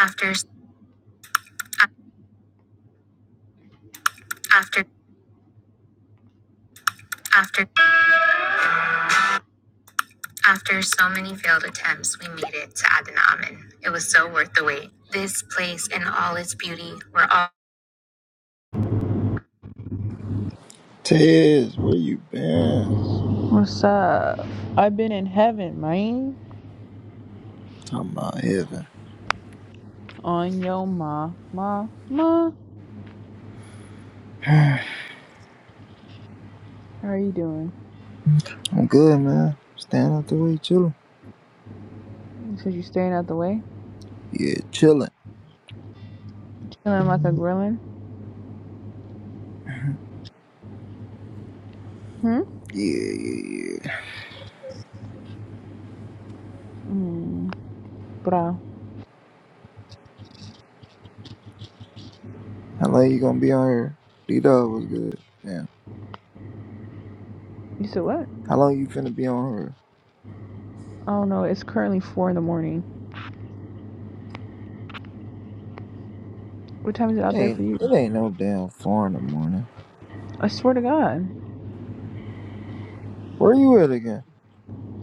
After after after after so many failed attempts, we made it to Aden Amen. It was so worth the wait. This place and all its beauty were all. Tez, where you been? What's up? I've been in heaven, man. Talking about heaven. On yo ma ma ma. How are you doing? I'm good, man. Standing out the way, chilling. So you staying out the way, Yeah, chilling. chilling like a grillin. Hmm. Yeah, yeah, yeah. Mm, bra. How long you gonna be on her? D Dog was good. Yeah. You said what? How long you finna be on her? I don't know. It's currently four in the morning. What time is it It out there ain't for you? it ain't no damn four in the morning. I swear to God. Where you at again?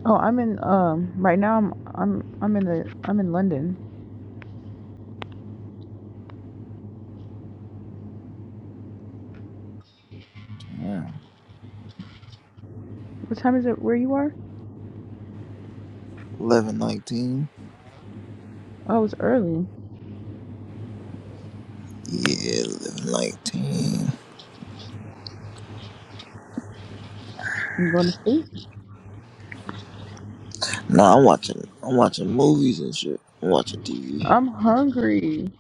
Oh, I'm in um right now I'm I'm I'm in the I'm in London. Damn. What time is it where you are? Eleven nineteen. Oh, it's early. Yeah, eleven nineteen. You going to sleep? Nah, I'm watching. I'm watching movies and shit. I'm watching TV. I'm hungry.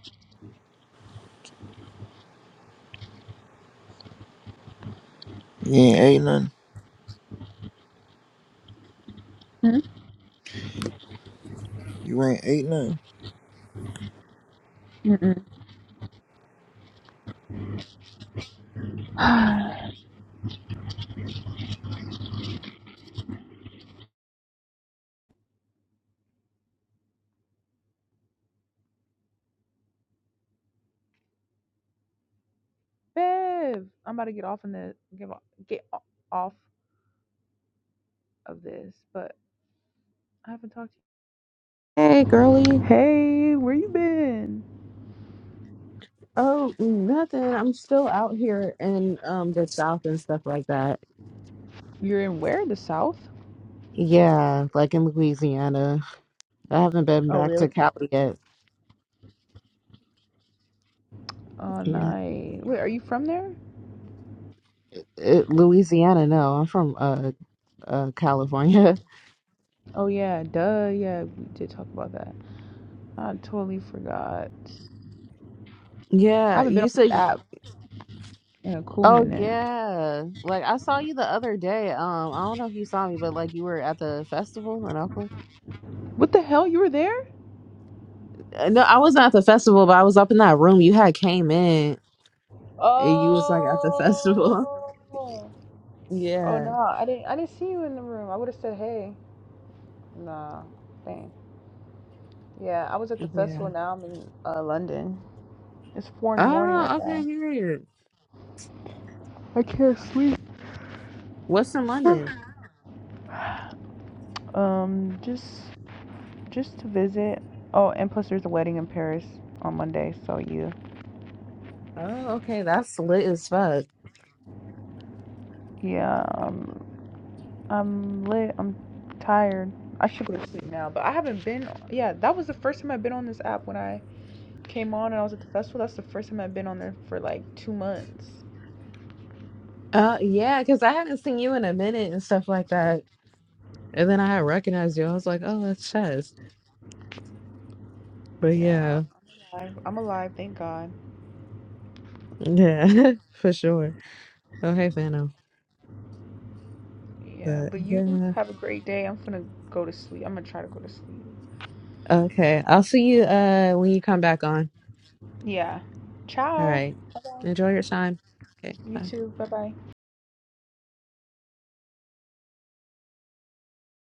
You ain't ate nothing. Hmm? You ain't ate nothing. Mm-mm. Bev, I'm about to get off in the get off, get o- off of this, but I haven't talked to Hey, girly. you. Hey, where you been? Oh, nothing. I'm still out here in um the South and stuff like that. You're in where? The South? Yeah, like in Louisiana. I haven't been Oh, back really? to Cali yet. Oh, Yeah. nice. Wait, are you from there? Uh, Louisiana, no. I'm from uh uh California. Oh yeah, duh. Yeah, we did talk about that. I totally forgot. I Yeah, haven't been you on this said app in a cool Oh minute. yeah. Like I saw you the other day. Um I don't know if you saw me, but like you were at the festival in Oakland. What the hell? You were there? Uh, No, I was not at the festival, but I was up in that room. You had came in. and You was like at the Oh. festival. Oh Yeah. nah. I didn't I didn't see you in the room. I would have said hey. Nah. Dang. Yeah, I was at the Yeah. festival. Now I'm in uh, London. It's four in the morning right Oh, okay, now. weird. I can't sleep. What's in London? Um, just just to visit. Oh, and plus there's a wedding in Paris on Monday. So you. Oh, okay, that's lit as fuck. Yeah. Um, I'm lit. I'm tired. I should go to sleep now, but I haven't been. Yeah, that was the first time I've been on this app when I came on and I was at the festival, that's the first time I've been on there for like two months. Uh, yeah, because I haven't seen you in a minute and stuff like that. And then I had recognized you. I was like, oh, that's Chess. But Yeah, yeah, I'm I'm alive, thank God. yeah, for sure. Oh, hey, Fano. Yeah, But but you yeah, have a great day. I'm gonna go to sleep. I'm gonna try to go to sleep. okay. I'll see you uh when you come back on. Yeah. All Ciao. right. Enjoy your time. Okay, You bye. too. Bye bye.